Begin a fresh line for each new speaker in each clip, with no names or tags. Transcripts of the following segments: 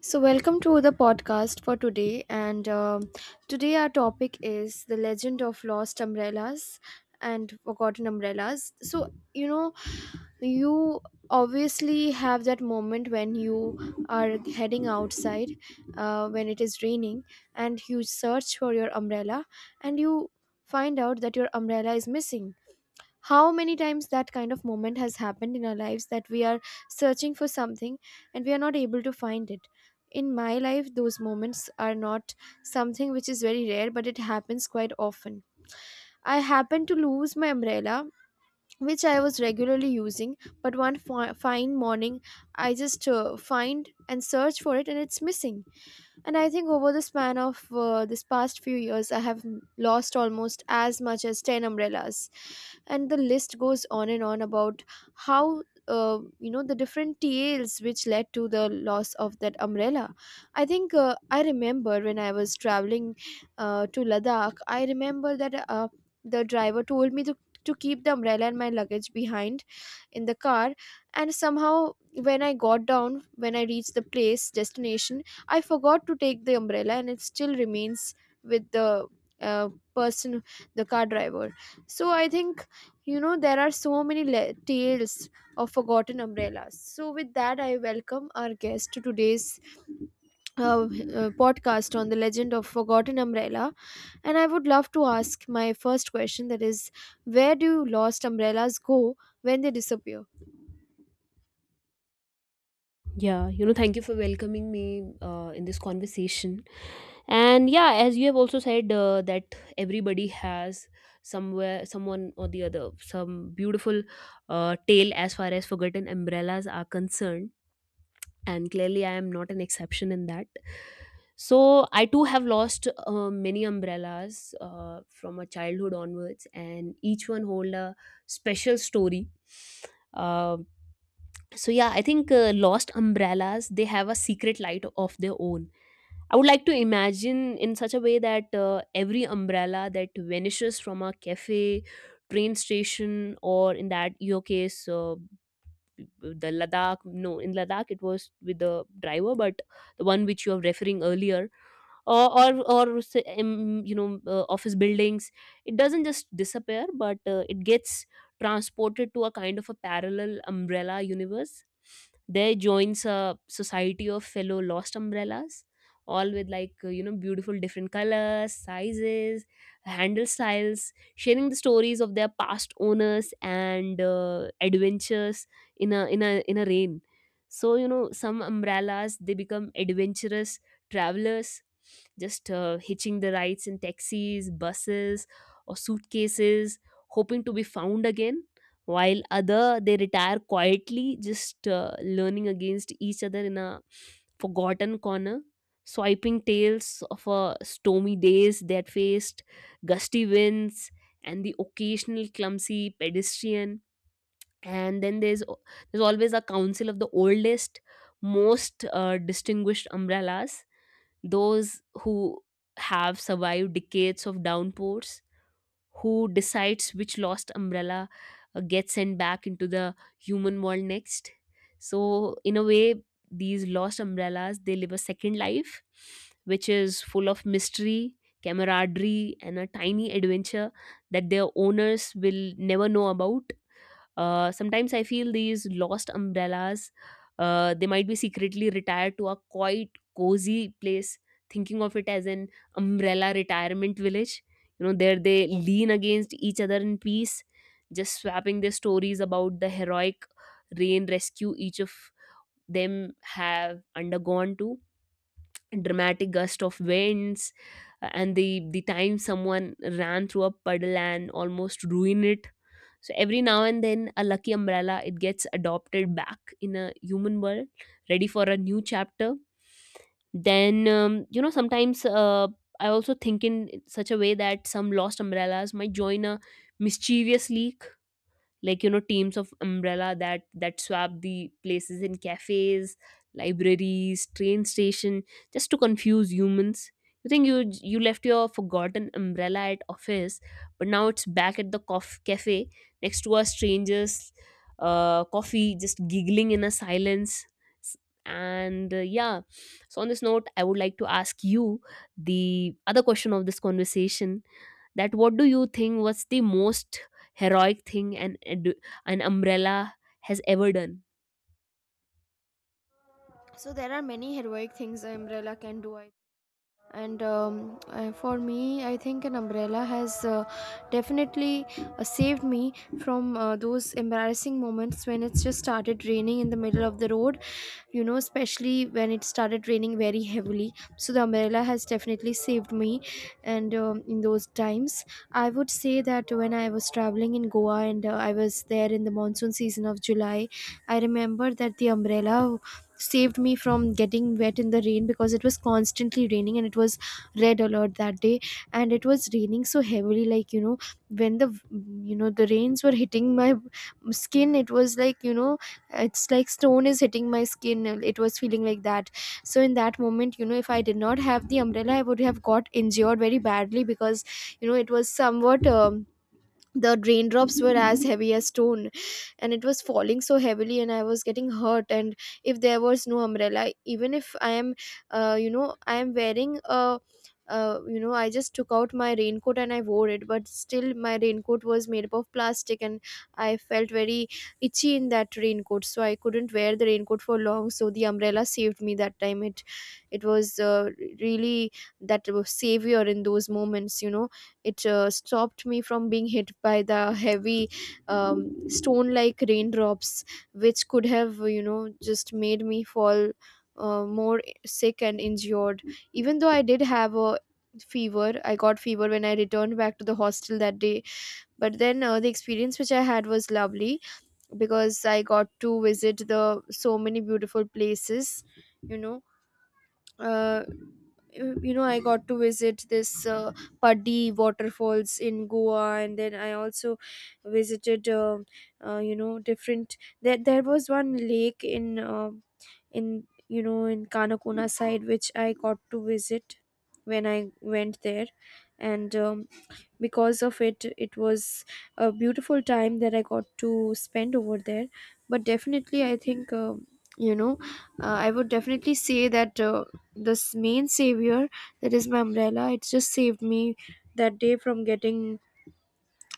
So, welcome to the podcast for today. And today, our topic is the legend of lost umbrellas and forgotten umbrellas. So, you know, you obviously have that moment when you are heading outside when it is raining, and you search for your umbrella, and you find out that your umbrella is missing. How many times that kind of moment has happened in our lives, that we are searching for something and we are not able to find it? In my life, those moments are not something which is very rare, but it happens quite often. I happened to lose my umbrella, which I was regularly using, but one fine morning I just find and search for it and it's missing. And I think over the span of this past few years I have lost almost as much as 10 umbrellas, and the list goes on and on about how, you know, the different tales which led to the loss of that umbrella. I think I remember when I was traveling to Ladakh. I remember that the driver told me to keep the umbrella and my luggage behind in the car. And somehow, when I got down, when I reached the place destination, I forgot to take the umbrella and it still remains with the uh, person, the car driver. So I think, you know, there are so many tales of forgotten umbrellas. So with that I welcome our guest to today's podcast on the legend of forgotten umbrella. And I would love to ask my first question, that is, where do lost umbrellas go when they disappear?
Yeah, thank you for welcoming me in this conversation. And yeah, as you have also said that everybody has somewhere, someone or the other, some beautiful tale as far as forgotten umbrellas are concerned. And clearly, I am not an exception in that. So I too have lost many umbrellas from my childhood onwards, and each one hold a special story. Um so yeah, I think lost umbrellas they have a secret light of their own. I would like to imagine in such a way that every umbrella that vanishes from a cafe, train station, or in that your case, the ladakh, no, in ladakh it was with the driver, but the one which you were referring earlier, or say, office buildings, it doesn't just disappear but it gets transported to a kind of a parallel umbrella universe. There joins a society of fellow lost umbrellas, all with like beautiful different colors, sizes, handle styles, sharing the stories of their past owners and adventures in a rain. So some umbrellas they become adventurous travelers, just hitching the rides in taxis, buses, or suitcases, hoping to be found again. While other they retire quietly, just learning against each other in a forgotten corner, swiping tales of stormy days that faced, gusty winds, and the occasional clumsy pedestrian. And then there's always a council of the oldest, most distinguished umbrellas, those who have survived decades of downpours, who decides which lost umbrella gets sent back into the human world next. So, in a way, these lost umbrellas they live a second life, which is full of mystery, camaraderie, and a tiny adventure that their owners will never know about. Sometimes I feel these lost umbrellas, they might be secretly retired to a quite cozy place, thinking of it as an umbrella retirement village. There they lean against each other in peace, just swapping their stories about the heroic rain rescue each of them have undergone, to dramatic gust of winds, and the time someone ran through a puddle and almost ruined it. So every now and then a lucky umbrella it gets adopted back in a human world, ready for a new chapter. Then sometimes I also think in such a way that some lost umbrellas might join a mischievous league, like, teams of umbrella that swap the places in cafes, libraries, train station, just to confuse humans. You think you left your forgotten umbrella at office, but now it's back at the cafe next to a stranger's coffee, just giggling in a silence. S- and yeah, so on this note, I would like to ask you the other question of this conversation, that what do you think was the most heroic thing an umbrella has ever done?
So there are many heroic things an umbrella can do. I and For me, I think an umbrella has definitely saved me from those embarrassing moments when it's just started raining in the middle of the road, you know, especially when it started raining very heavily. So the umbrella has definitely saved me. And in those times I would say that when I was traveling in Goa, and I was there in the monsoon season of July. I remember that the umbrella saved me from getting wet in the rain, because it was constantly raining and it was red alert that day. And it was raining so heavily, like, you know, when the you know, the rains were hitting my skin, it was like, you know, it's like stone is hitting my skin, it was feeling like that. So in that moment, you know, if I did not have the umbrella I would have got injured very badly, because, you know, it was somewhat, the raindrops were as heavy as stone, and it was falling so heavily and I was getting hurt. And if there was no umbrella, even if I am, you know, I am wearing a, you know, I just took out my raincoat and I wore it, but still my raincoat was made up of plastic and I felt very itchy in that raincoat, so I couldn't wear the raincoat for long. So the umbrella saved me that time. It was really, that was savior in those moments, you know. It stopped me from being hit by the heavy, stone like raindrops, which could have, you know, just made me fall more sick and injured, even though I did have a fever. I got fever when I returned back to the hostel that day. But then the experience which I had was lovely, because I got to visit the so many beautiful places. You know, uh, you know, I got to visit this Paddy waterfalls in Goa, and then I also visited, you know, different, there was one lake in, in, you know, in Kanakona side, which I got to visit when I went there. And because of it, it was a beautiful time that I got to spend over there. But definitely I think, you know, I would definitely say that this main savior, that is my umbrella, it just saved me that day from getting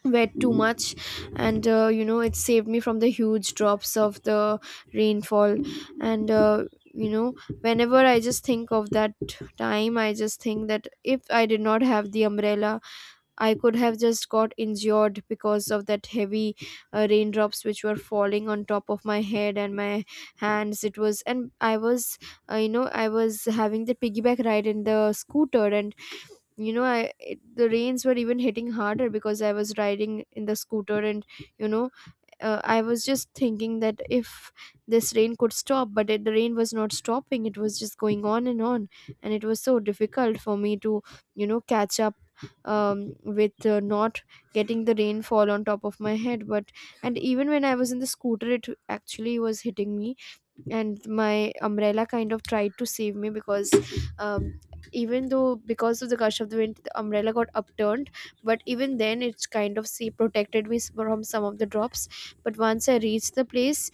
wet too much. And you know, it saved me from the huge drops of the rainfall. And you know, whenever I just think of that time I just think that if I did not have the umbrella, I could have just got injured because of that heavy raindrops which were falling on top of my head and my hands. It was, and I was, you know, I was having the piggyback ride in the scooter. And you know I it, the rains were even hitting harder because I was riding in the scooter. And you know, I was just thinking that if this rain could stop. But it, the rain was not stopping, it was just going on and on, and it was so difficult for me to, you know, catch up, with, not getting the rainfall on top of my head. But, and even when I was in the scooter it actually was hitting me. And my umbrella kind of tried to save me, because um, even though, because of the gush of the wind, the umbrella got upturned. But even then it's kind of see protected me from some of the drops. But once I reached the place,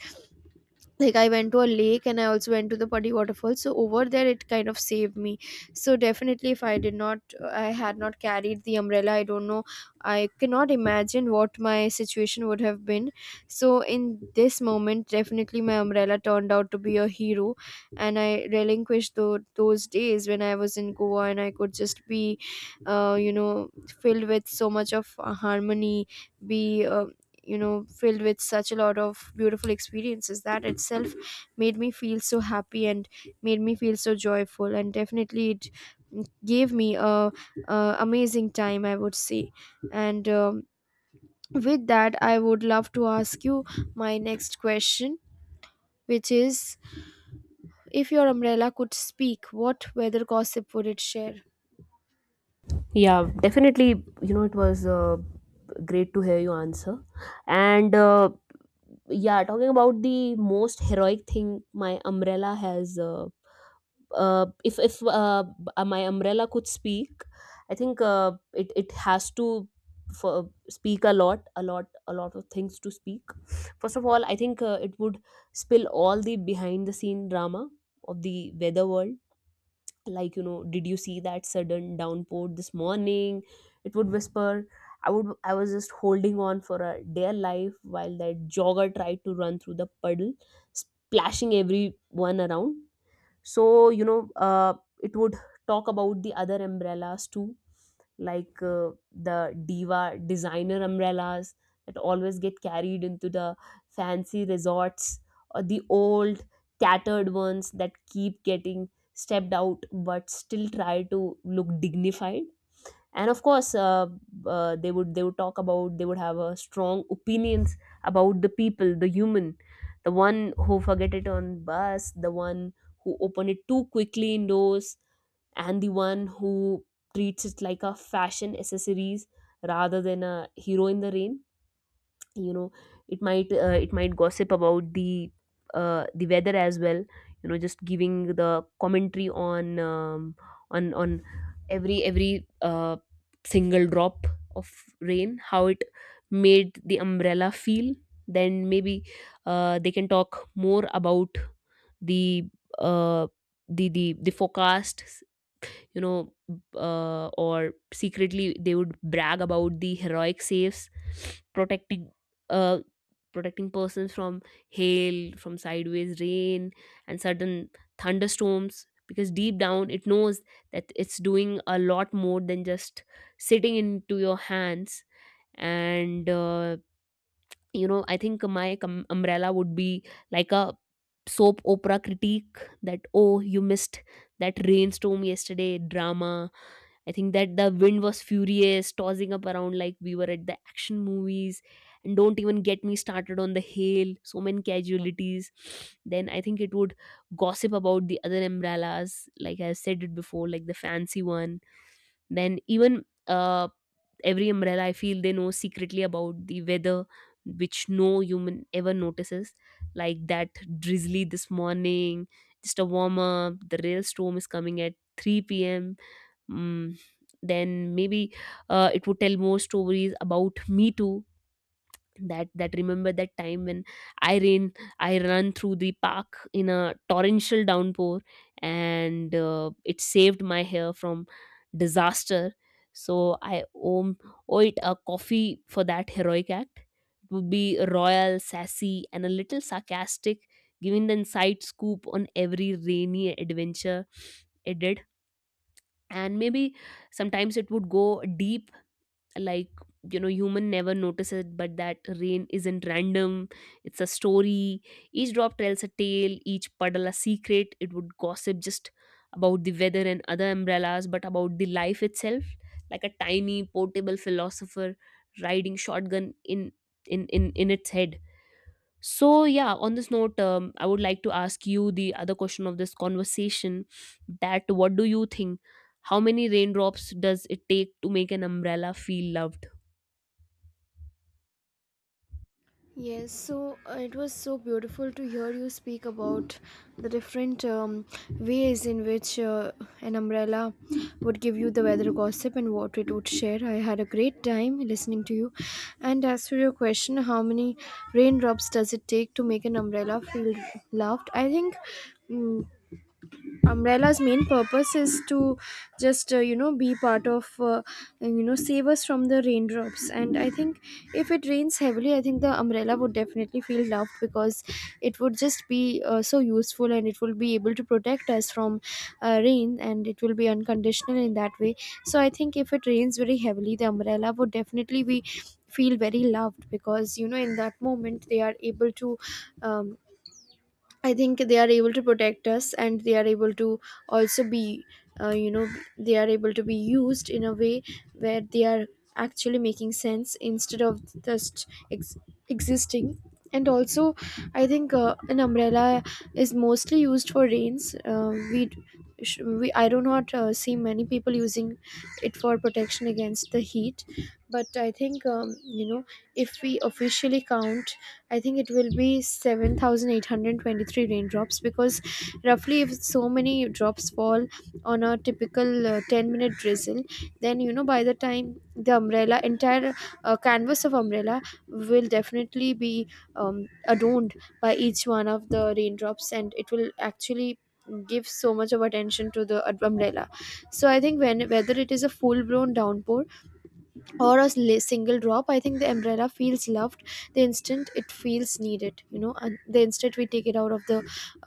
like, I went to a lake and I also went to the Putty waterfall, so over there it kind of saved me. So definitely if I did not, I had not carried the umbrella, I don't know. I cannot imagine what my situation would have been. So in this moment definitely my umbrella turned out to be a hero, and I relinquished those days when I was in Goa, and I could just be, you know, filled with so much of harmony, be, you know, filled with such a lot of beautiful experiences, that itself made me feel so happy and made me feel so joyful. And definitely it gave me a amazing time I would say. And with that I would love to ask you my next question, which is, if your umbrella could speak, what weather gossip would it share?
Yeah, definitely. It was great to hear your answer. And yeah, talking about the most heroic thing my umbrella has. If my umbrella could speak, I think it has to for speak a lot, a lot, a lot of things to speak. First of all, I think it would spill all the behind the scene drama of the weather world, like, did you see that sudden downpour this morning? It would whisper, I was just holding on for a dear life while that jogger tried to run through the puddle, splashing everyone around. So it would talk about the other umbrellas too, like the diva designer umbrellas that always get carried into the fancy resorts, or the old tattered ones that keep getting stepped out but still try to look dignified. And of course, they would have a strong opinions about the people, the human, the one who forget it on bus, the one who open it too quickly indoors, and the one who treats it like a fashion accessories rather than a hero in the rain. you know it might gossip about the weather as well, just giving the commentary on every single drop of rain, how it made the umbrella feel. Then maybe they can talk more about the uh, the forecast, you know, or secretly they would brag about the heroic saves, protecting, uh, protecting persons from hail, from sideways rain, and sudden thunderstorms. Because deep down it knows that it's doing a lot more than just sitting into your hands. And I think my umbrella would be like a soap opera critique, that oh, you missed that rainstorm yesterday drama. I think that the wind was furious, tossing up around like we were at the action movies. And don't even get me started on the hail, so many casualties. Then I think it would gossip about the other umbrellas, like I said it before, like the fancy one. Then even every umbrella, I feel they know secretly about the weather, which no human ever notices. Like that drizzly this morning, just a warm up, the real storm is coming at 3 p.m. Mm, then maybe it would tell more stories about me too, that remember that time when i ran I ran through the park in a torrential downpour, and it saved my hair from disaster. So I owe it a coffee for that heroic act. It would be royal sassy and a little sarcastic, giving the inside scoop on every rainy adventure it did. And maybe sometimes it would go deep, like, human never notices it, but that rain isn't random, it's a story. Each drop tells a tale, each puddle a secret, it would gossip, just about the weather and other umbrellas, but about the life itself, like a tiny portable philosopher riding shotgun in its head. So, yeah, on this note, I would like to ask you the other question of this conversation, that what do you think? How many raindrops does it take to make an umbrella feel loved?
Yes, so it was so beautiful to hear you speak about the different, ways in which an umbrella would give you the weather gossip and what it would share. I had a great time listening to you. And as for your question, how many raindrops does it take to make an umbrella feel loved? I think, mm umbrella's main purpose is to just, you know, be part of, you know, save us from the raindrops. And I think if it rains heavily, I think the umbrella would definitely feel loved because it would just be, so useful, and it will be able to protect us from rain, and it will be unconditional in that way. So I think if it rains very heavily the umbrella would definitely be feel very loved, because, you know, in that moment they are able to, um, I think they are able to protect us, and they are able to also be, you know, they are able to be used in a way where they are actually making sense instead of just existing. And also, I think an umbrella is mostly used for rains. I do not see many people using it for protection against the heat. But I think if we officially count, I think it will be 7,823 raindrops, because roughly if so many drops fall on a typical 10-minute drizzle. Then by the time the umbrella, entire canvas of umbrella will definitely be adorned by each one of the raindrops, and it will actually give so much of attention to the umbrella. So I think when whether it is a full blown downpour or a single drop, I think the umbrella feels loved the instant it feels needed, and the instant we take it out of the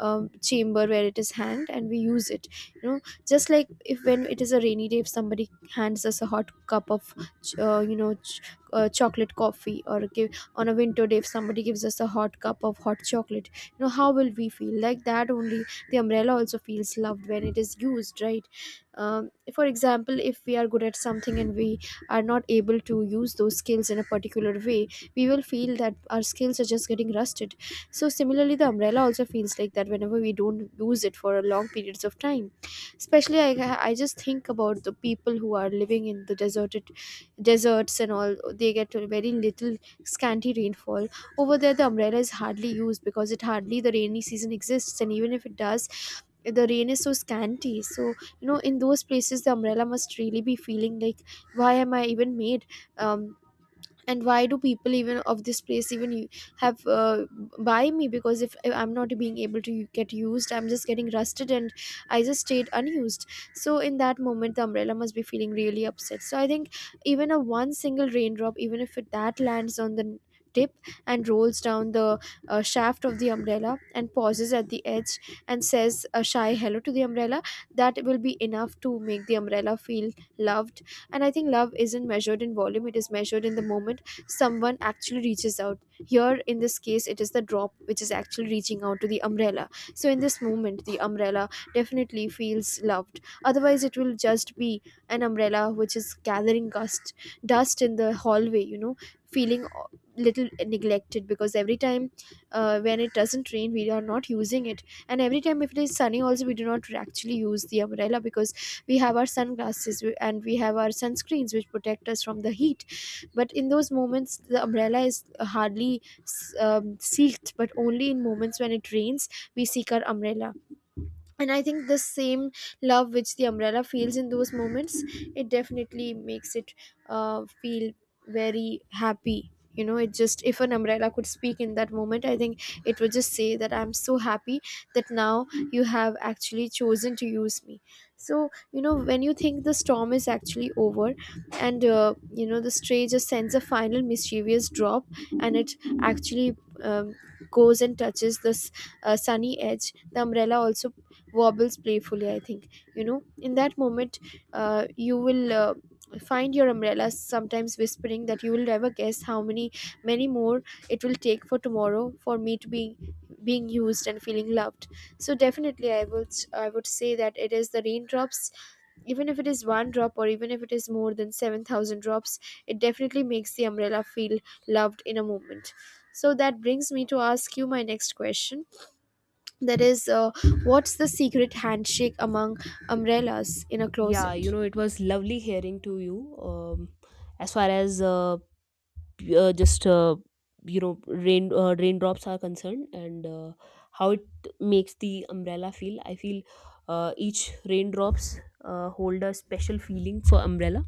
chamber where it is hanged, and we use it, you know just like if when it is a rainy day, if somebody hands us a hot cup of uh, you know ch- chocolate coffee, or give, on a winter day, if somebody gives us a hot cup of hot chocolate. How will we feel? Like that only, the umbrella also feels loved when it is used, right? For example, if we are good at something and we are not able to use those skills in a particular way, we will feel that our skills are just getting rusted. So similarly, the umbrella also feels like that whenever we don't use it for long periods of time. Especially I just think about the people who are living in the deserted deserts and all. They get a very little scanty rainfall over there. The umbrella is hardly used, because it hardly, the rainy season exists, and even if it does, the rain is so scanty. So in those places, the umbrella must really be feeling like, why am I even made? um, and why do people even of this place even have buy me? Because if I'm not being able to get used, I'm just getting rusted, and I just stayed unused. So in that moment the umbrella must be feeling really upset. So I think even a one single raindrop, even if it that lands on the tip and rolls down the shaft of the umbrella and pauses at the edge and says a shy hello to the umbrella, that will be enough to make the umbrella feel loved. And I think love isn't measured in volume, it is measured in the moment someone actually reaches out. Here in this case, it is the drop which is actually reaching out to the umbrella. So in this moment the umbrella definitely feels loved, otherwise it will just be an umbrella which is gathering dust in the hallway, feeling little neglected, because every time when it doesn't rain we are not using it. And every time if it is sunny also, we do not actually use the umbrella, because we have our sunglasses, and we have our sunscreens which protect us from the heat. But in those moments the umbrella is hardly seeked, but only in moments when it rains we seek our umbrella. And I think the same love which the umbrella feels in those moments, it definitely makes it feel very happy. It just, if an umbrella could speak in that moment, I think it would just say that I'm so happy that now you have actually chosen to use me. So when you think the storm is actually over, and the stray just sends a final mischievous drop, and it actually um, goes and touches this sunny edge, the umbrella also wobbles playfully, I think. In that moment, you will find your umbrella sometimes whispering that, you will never guess how many, many more it will take for tomorrow for me to be being used and feeling loved. So definitely I would say that it is the raindrops. Even if it is one drop, or even if it is more than 7,000 drops, it definitely makes the umbrella feel loved in a moment. So that brings me to ask you my next question, that is, what's the secret handshake among umbrellas in a
Yeah,
closet?
it was lovely hearing to you. As far as just rain raindrops are concerned, and how it makes the umbrella feel, I feel each raindrops hold a special feeling for umbrella.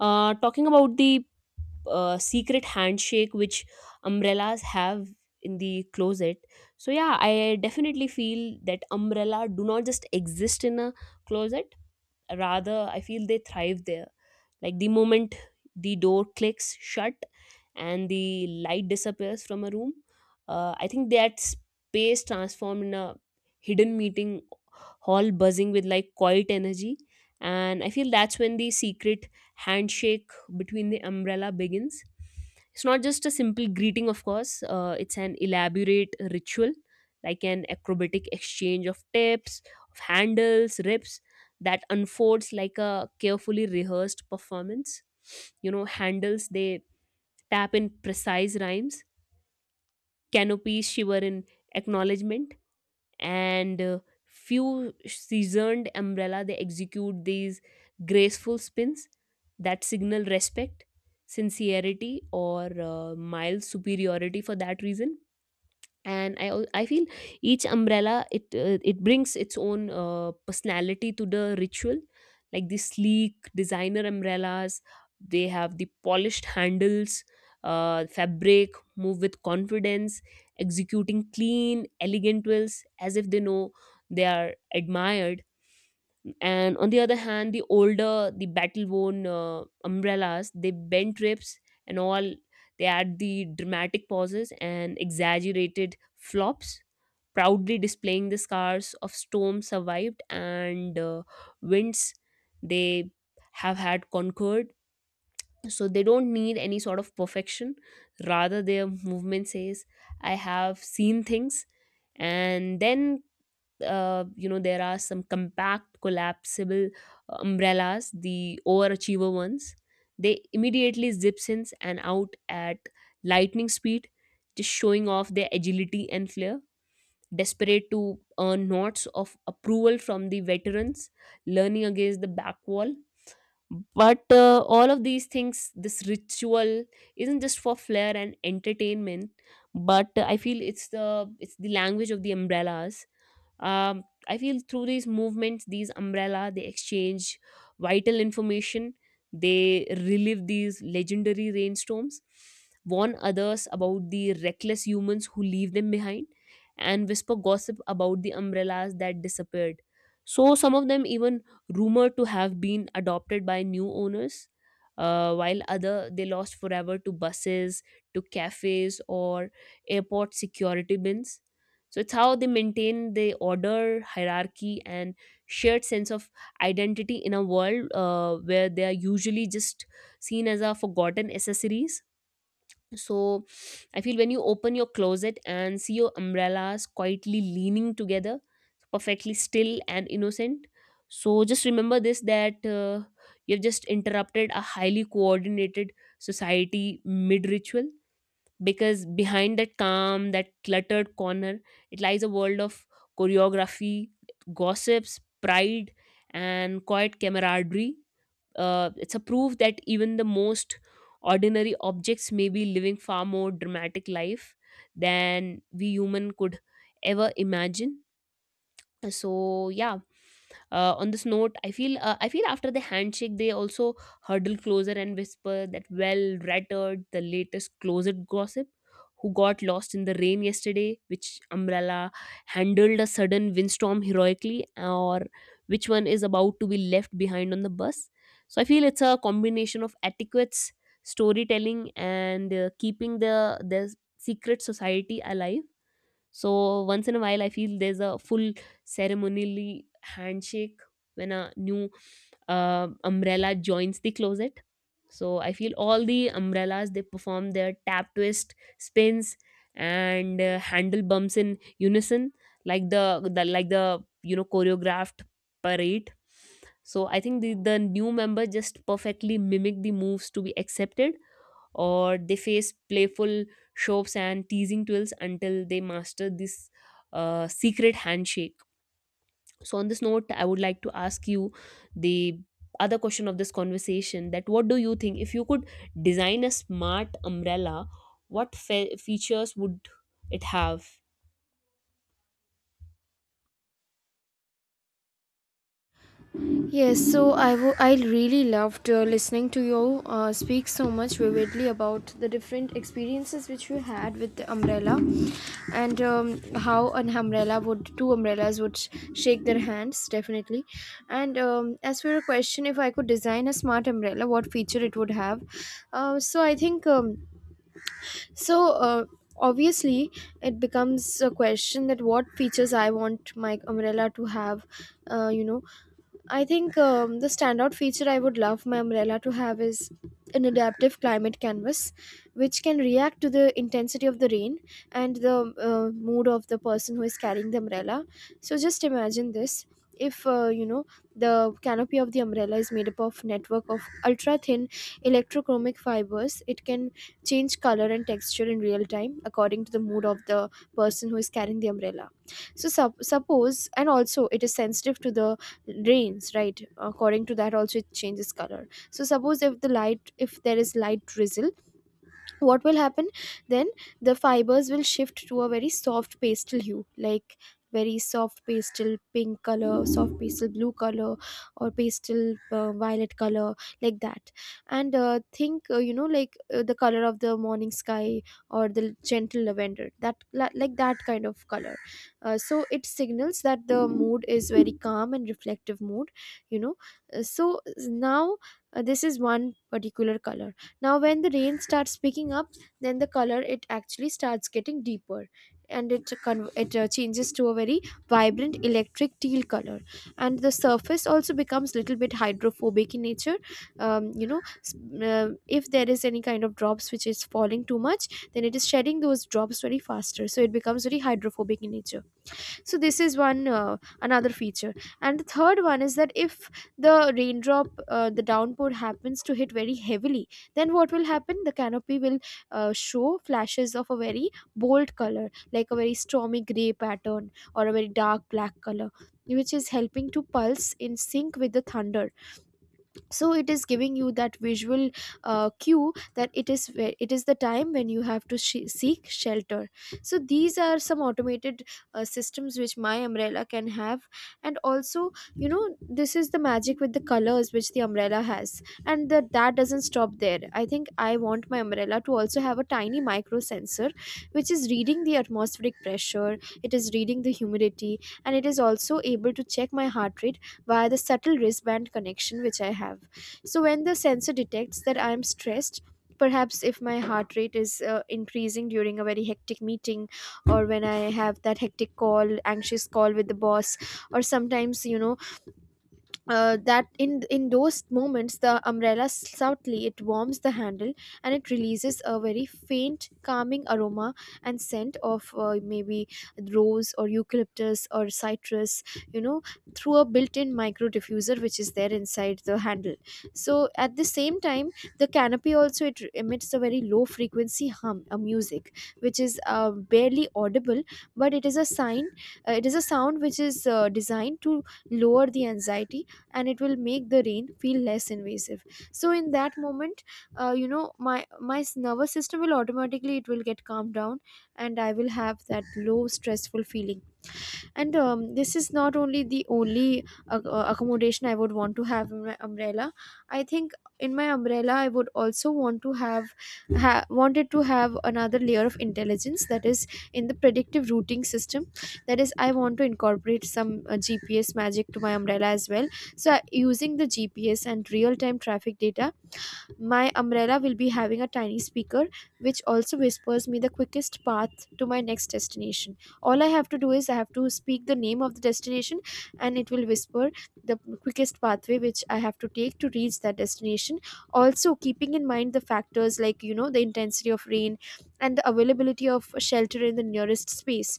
Talking about the secret handshake which umbrellas have in the closet. So yeah, I definitely feel that umbrella do not just exist in a closet. Rather, I feel they thrive there. Like the moment the door clicks shut and the light disappears from a room, I think that space transformed in a hidden meeting hall, buzzing with like quiet energy. And I feel that's when the secret handshake between the umbrella begins. It's not just a simple greeting, of course, it's an elaborate ritual, like an acrobatic exchange of tips, of handles, rips, that unfolds like a carefully rehearsed performance. Handles, they tap in precise rhymes, canopies shiver in acknowledgement, and few seasoned umbrella they execute these graceful spins that signal respect, sincerity, or mild superiority for that reason. And I feel each umbrella, it brings its own personality to the ritual, like the sleek designer umbrellas, they have the polished handles, fabric, move with confidence, executing clean elegant wills as if they know they are admired. And on the other hand, the older, the battle worn umbrellas, they bend rips and all, they add the dramatic pauses and exaggerated flops, proudly displaying the scars of storms survived and winds they have had conquered. So they don't need any sort of perfection, rather their movement says, I have seen things. And then there are some compact collapsible umbrellas, the overachiever ones, they immediately zips in and out at lightning speed, just showing off their agility and flair, desperate to earn nods of approval from the veterans learning against the back wall. But all of these things, this ritual isn't just for flair and entertainment, but I feel it's the language of the umbrellas. I feel through these movements these umbrella they exchange vital information, they relive these legendary rainstorms, warn others about the reckless humans who leave them behind, and whisper gossip about the umbrellas that disappeared. So some of them even rumored to have been adopted by new owners, while other they lost forever to buses, to cafes, or airport security bins. So it's how they maintain the order, hierarchy, and shared sense of identity in a world where they are usually just seen as a forgotten accessories. So I feel when you open your closet and see your umbrellas quietly leaning together, perfectly still and innocent. So just remember this, that you've just interrupted a highly coordinated society mid ritual, because behind that calm, that cluttered corner, it lies a world of choreography, gossips, pride, and quiet camaraderie. It's a proof that even the most ordinary objects may be living far more dramatic life than we human could ever imagine. So yeah, on this note, I feel after the handshake they also huddle closer and whisper, that well rattled the latest closet gossip, who got lost in the rain yesterday, which umbrella handled a sudden windstorm heroically, or which one is about to be left behind on the bus. So I feel it's a combination of etiquettes, storytelling, and keeping the secret society alive. So once in a while, I feel there's a full ceremonially handshake when a new umbrella joins the closet. So I feel all the umbrellas they perform their tap twist spins and handle bumps in unison, like the choreographed parade. So I think the new member just perfectly mimic the moves to be accepted, or they face playful shoves and teasing twirls until they master this secret handshake. So, on this note, I would like to ask you the other question of this conversation, that what do you think, if you could design a smart umbrella, what features would it have?
Yes, so I really loved listening to you speak so much vividly about the different experiences which you had with the umbrella, and how an two umbrellas would shake their hands, definitely. And as for your question, if I could design a smart umbrella, what feature it would have? So I think. So obviously, it becomes a question that what features I want my umbrella to have. uh, you know, I think the standout feature I would love my umbrella to have is an adaptive climate canvas, which can react to the intensity of the rain and the mood of the person who is carrying the umbrella. So just imagine this. If the canopy of the umbrella is made up of network of ultra thin electrochromic fibers, it can change color and texture in real time according to the mood of the person who is carrying the umbrella. So suppose, and also it is sensitive to the rains, right? According to that also it changes color. So suppose, if the light if there is light drizzle, what will happen? Then the fibers will shift to a very soft pastel hue, like very soft pastel pink color, soft pastel blue color, or pastel violet color, like that. And think, like the color of the morning sky, or the gentle lavender, like that kind of color. So it signals that the mood is very calm and reflective mood. you know Uh, so Now, this is one particular color. Now, when the rain starts picking up, then the color, it actually starts getting deeper, and it changes to a very vibrant electric teal color. And the surface also becomes little bit hydrophobic in nature. um, you know s- if there is any kind of drops which is falling too much, then it is shedding those drops very faster, so it becomes very hydrophobic in nature. So this is one another feature. And the third one is that if the raindrop the downpour happens to hit very heavily, then what will happen? The canopy will show flashes of a very bold color, like a very stormy gray pattern or a very dark black color, which is helping to pulse in sync with the thunder. So it is giving you that visual cue that it is it is the time when you have to seek shelter. So these are some automated systems which my umbrella can have. And also, this is the magic with the colors which the umbrella has, and that doesn't stop there. I think I want my umbrella to also have a tiny micro sensor which is reading the atmospheric pressure, it is reading the humidity, and it is also able to check my heart rate via the subtle wristband connection which I have. So when the sensor detects that I am stressed, perhaps if my heart rate is increasing during a very hectic meeting, or when I have that hectic call, anxious call with the boss, or sometimes, you know, that in those moments the umbrella, subtly, it warms the handle, and it releases a very faint calming aroma and scent of maybe rose, or eucalyptus, or citrus, you know through a built-in micro diffuser which is there inside the handle. So at the same time, the canopy also, it emits a very low frequency hum, a music which is barely audible, but it is a sign, it is a sound which is designed to lower the anxiety, and it will make the rain feel less invasive. So in that moment, my nervous system will automatically, it will get calmed down, and I will have that low stressful feeling. And this is not only the only accommodation I would want to have in my umbrella. I think in my umbrella I would also want to have, wanted to have, another layer of intelligence, that is in the predictive routing system. That is, I want to incorporate some GPS magic to my umbrella as well. So using the GPS and real time traffic data, my umbrella will be having a tiny speaker which also whispers me the quickest path to my next destination. All I have to do is I have to speak the name of the destination, and it will whisper the quickest pathway which I have to take to reach that destination. Also, keeping in mind the factors, like, the intensity of rain and the availability of shelter in the nearest space.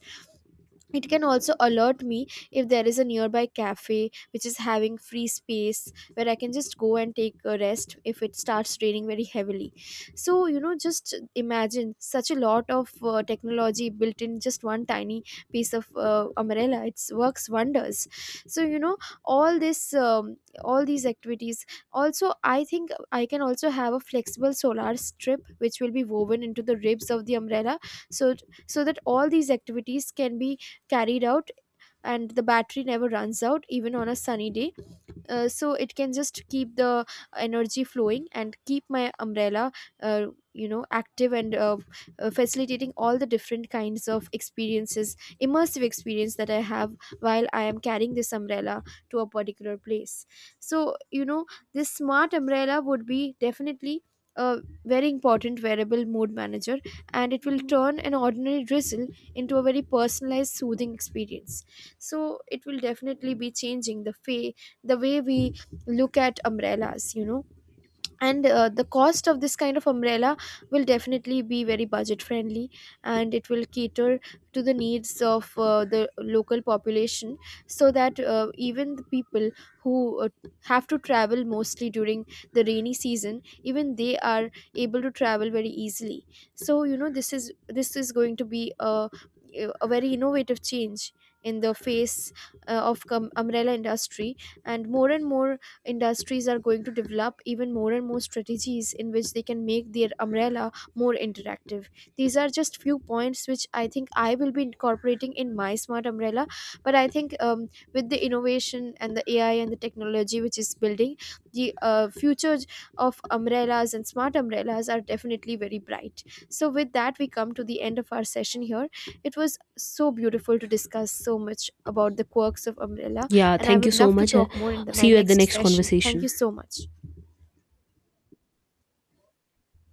It can also alert me if there is a nearby cafe which is having free space where I can just go and take a rest if it starts raining very heavily. So, just imagine such a lot of technology built in just one tiny piece of umbrella. It works wonders. So, all this, all these activities. Also, I think I can also have a flexible solar strip which will be woven into the ribs of the umbrella, so so that all these activities can be carried out, and the battery never runs out even on a sunny day. So it can just keep the energy flowing and keep my umbrella uh, active, and facilitating all the different kinds of experiences, immersive experience that I have while I am carrying this umbrella to a particular place. So this smart umbrella would be definitely a very important wearable mood manager, and it will turn an ordinary drizzle into a very personalized soothing experience. So it will definitely be changing the way we look at umbrellas. And the cost of this kind of umbrella will definitely be very budget friendly, and it will cater to the needs of the local population, so that even the people who have to travel mostly during the rainy season, even they are able to travel very easily. So this is going to be a very innovative change in the face of umbrella industry. And more and more industries are going to develop even more and more strategies in which they can make their umbrella more interactive. These are just few points which I think I will be incorporating in my smart umbrella. But I think with the innovation and the AI and the technology which is building, the futures of umbrellas and smart umbrellas are definitely very bright. So with that we come to the end of our session here. It was so beautiful to discuss so much about the quirks of umbrella,
Yeah,
and I
thank you
would
so
love to
much.
talk more in
See
my
you at the
next
next
session. Thank
conversation.
you so much.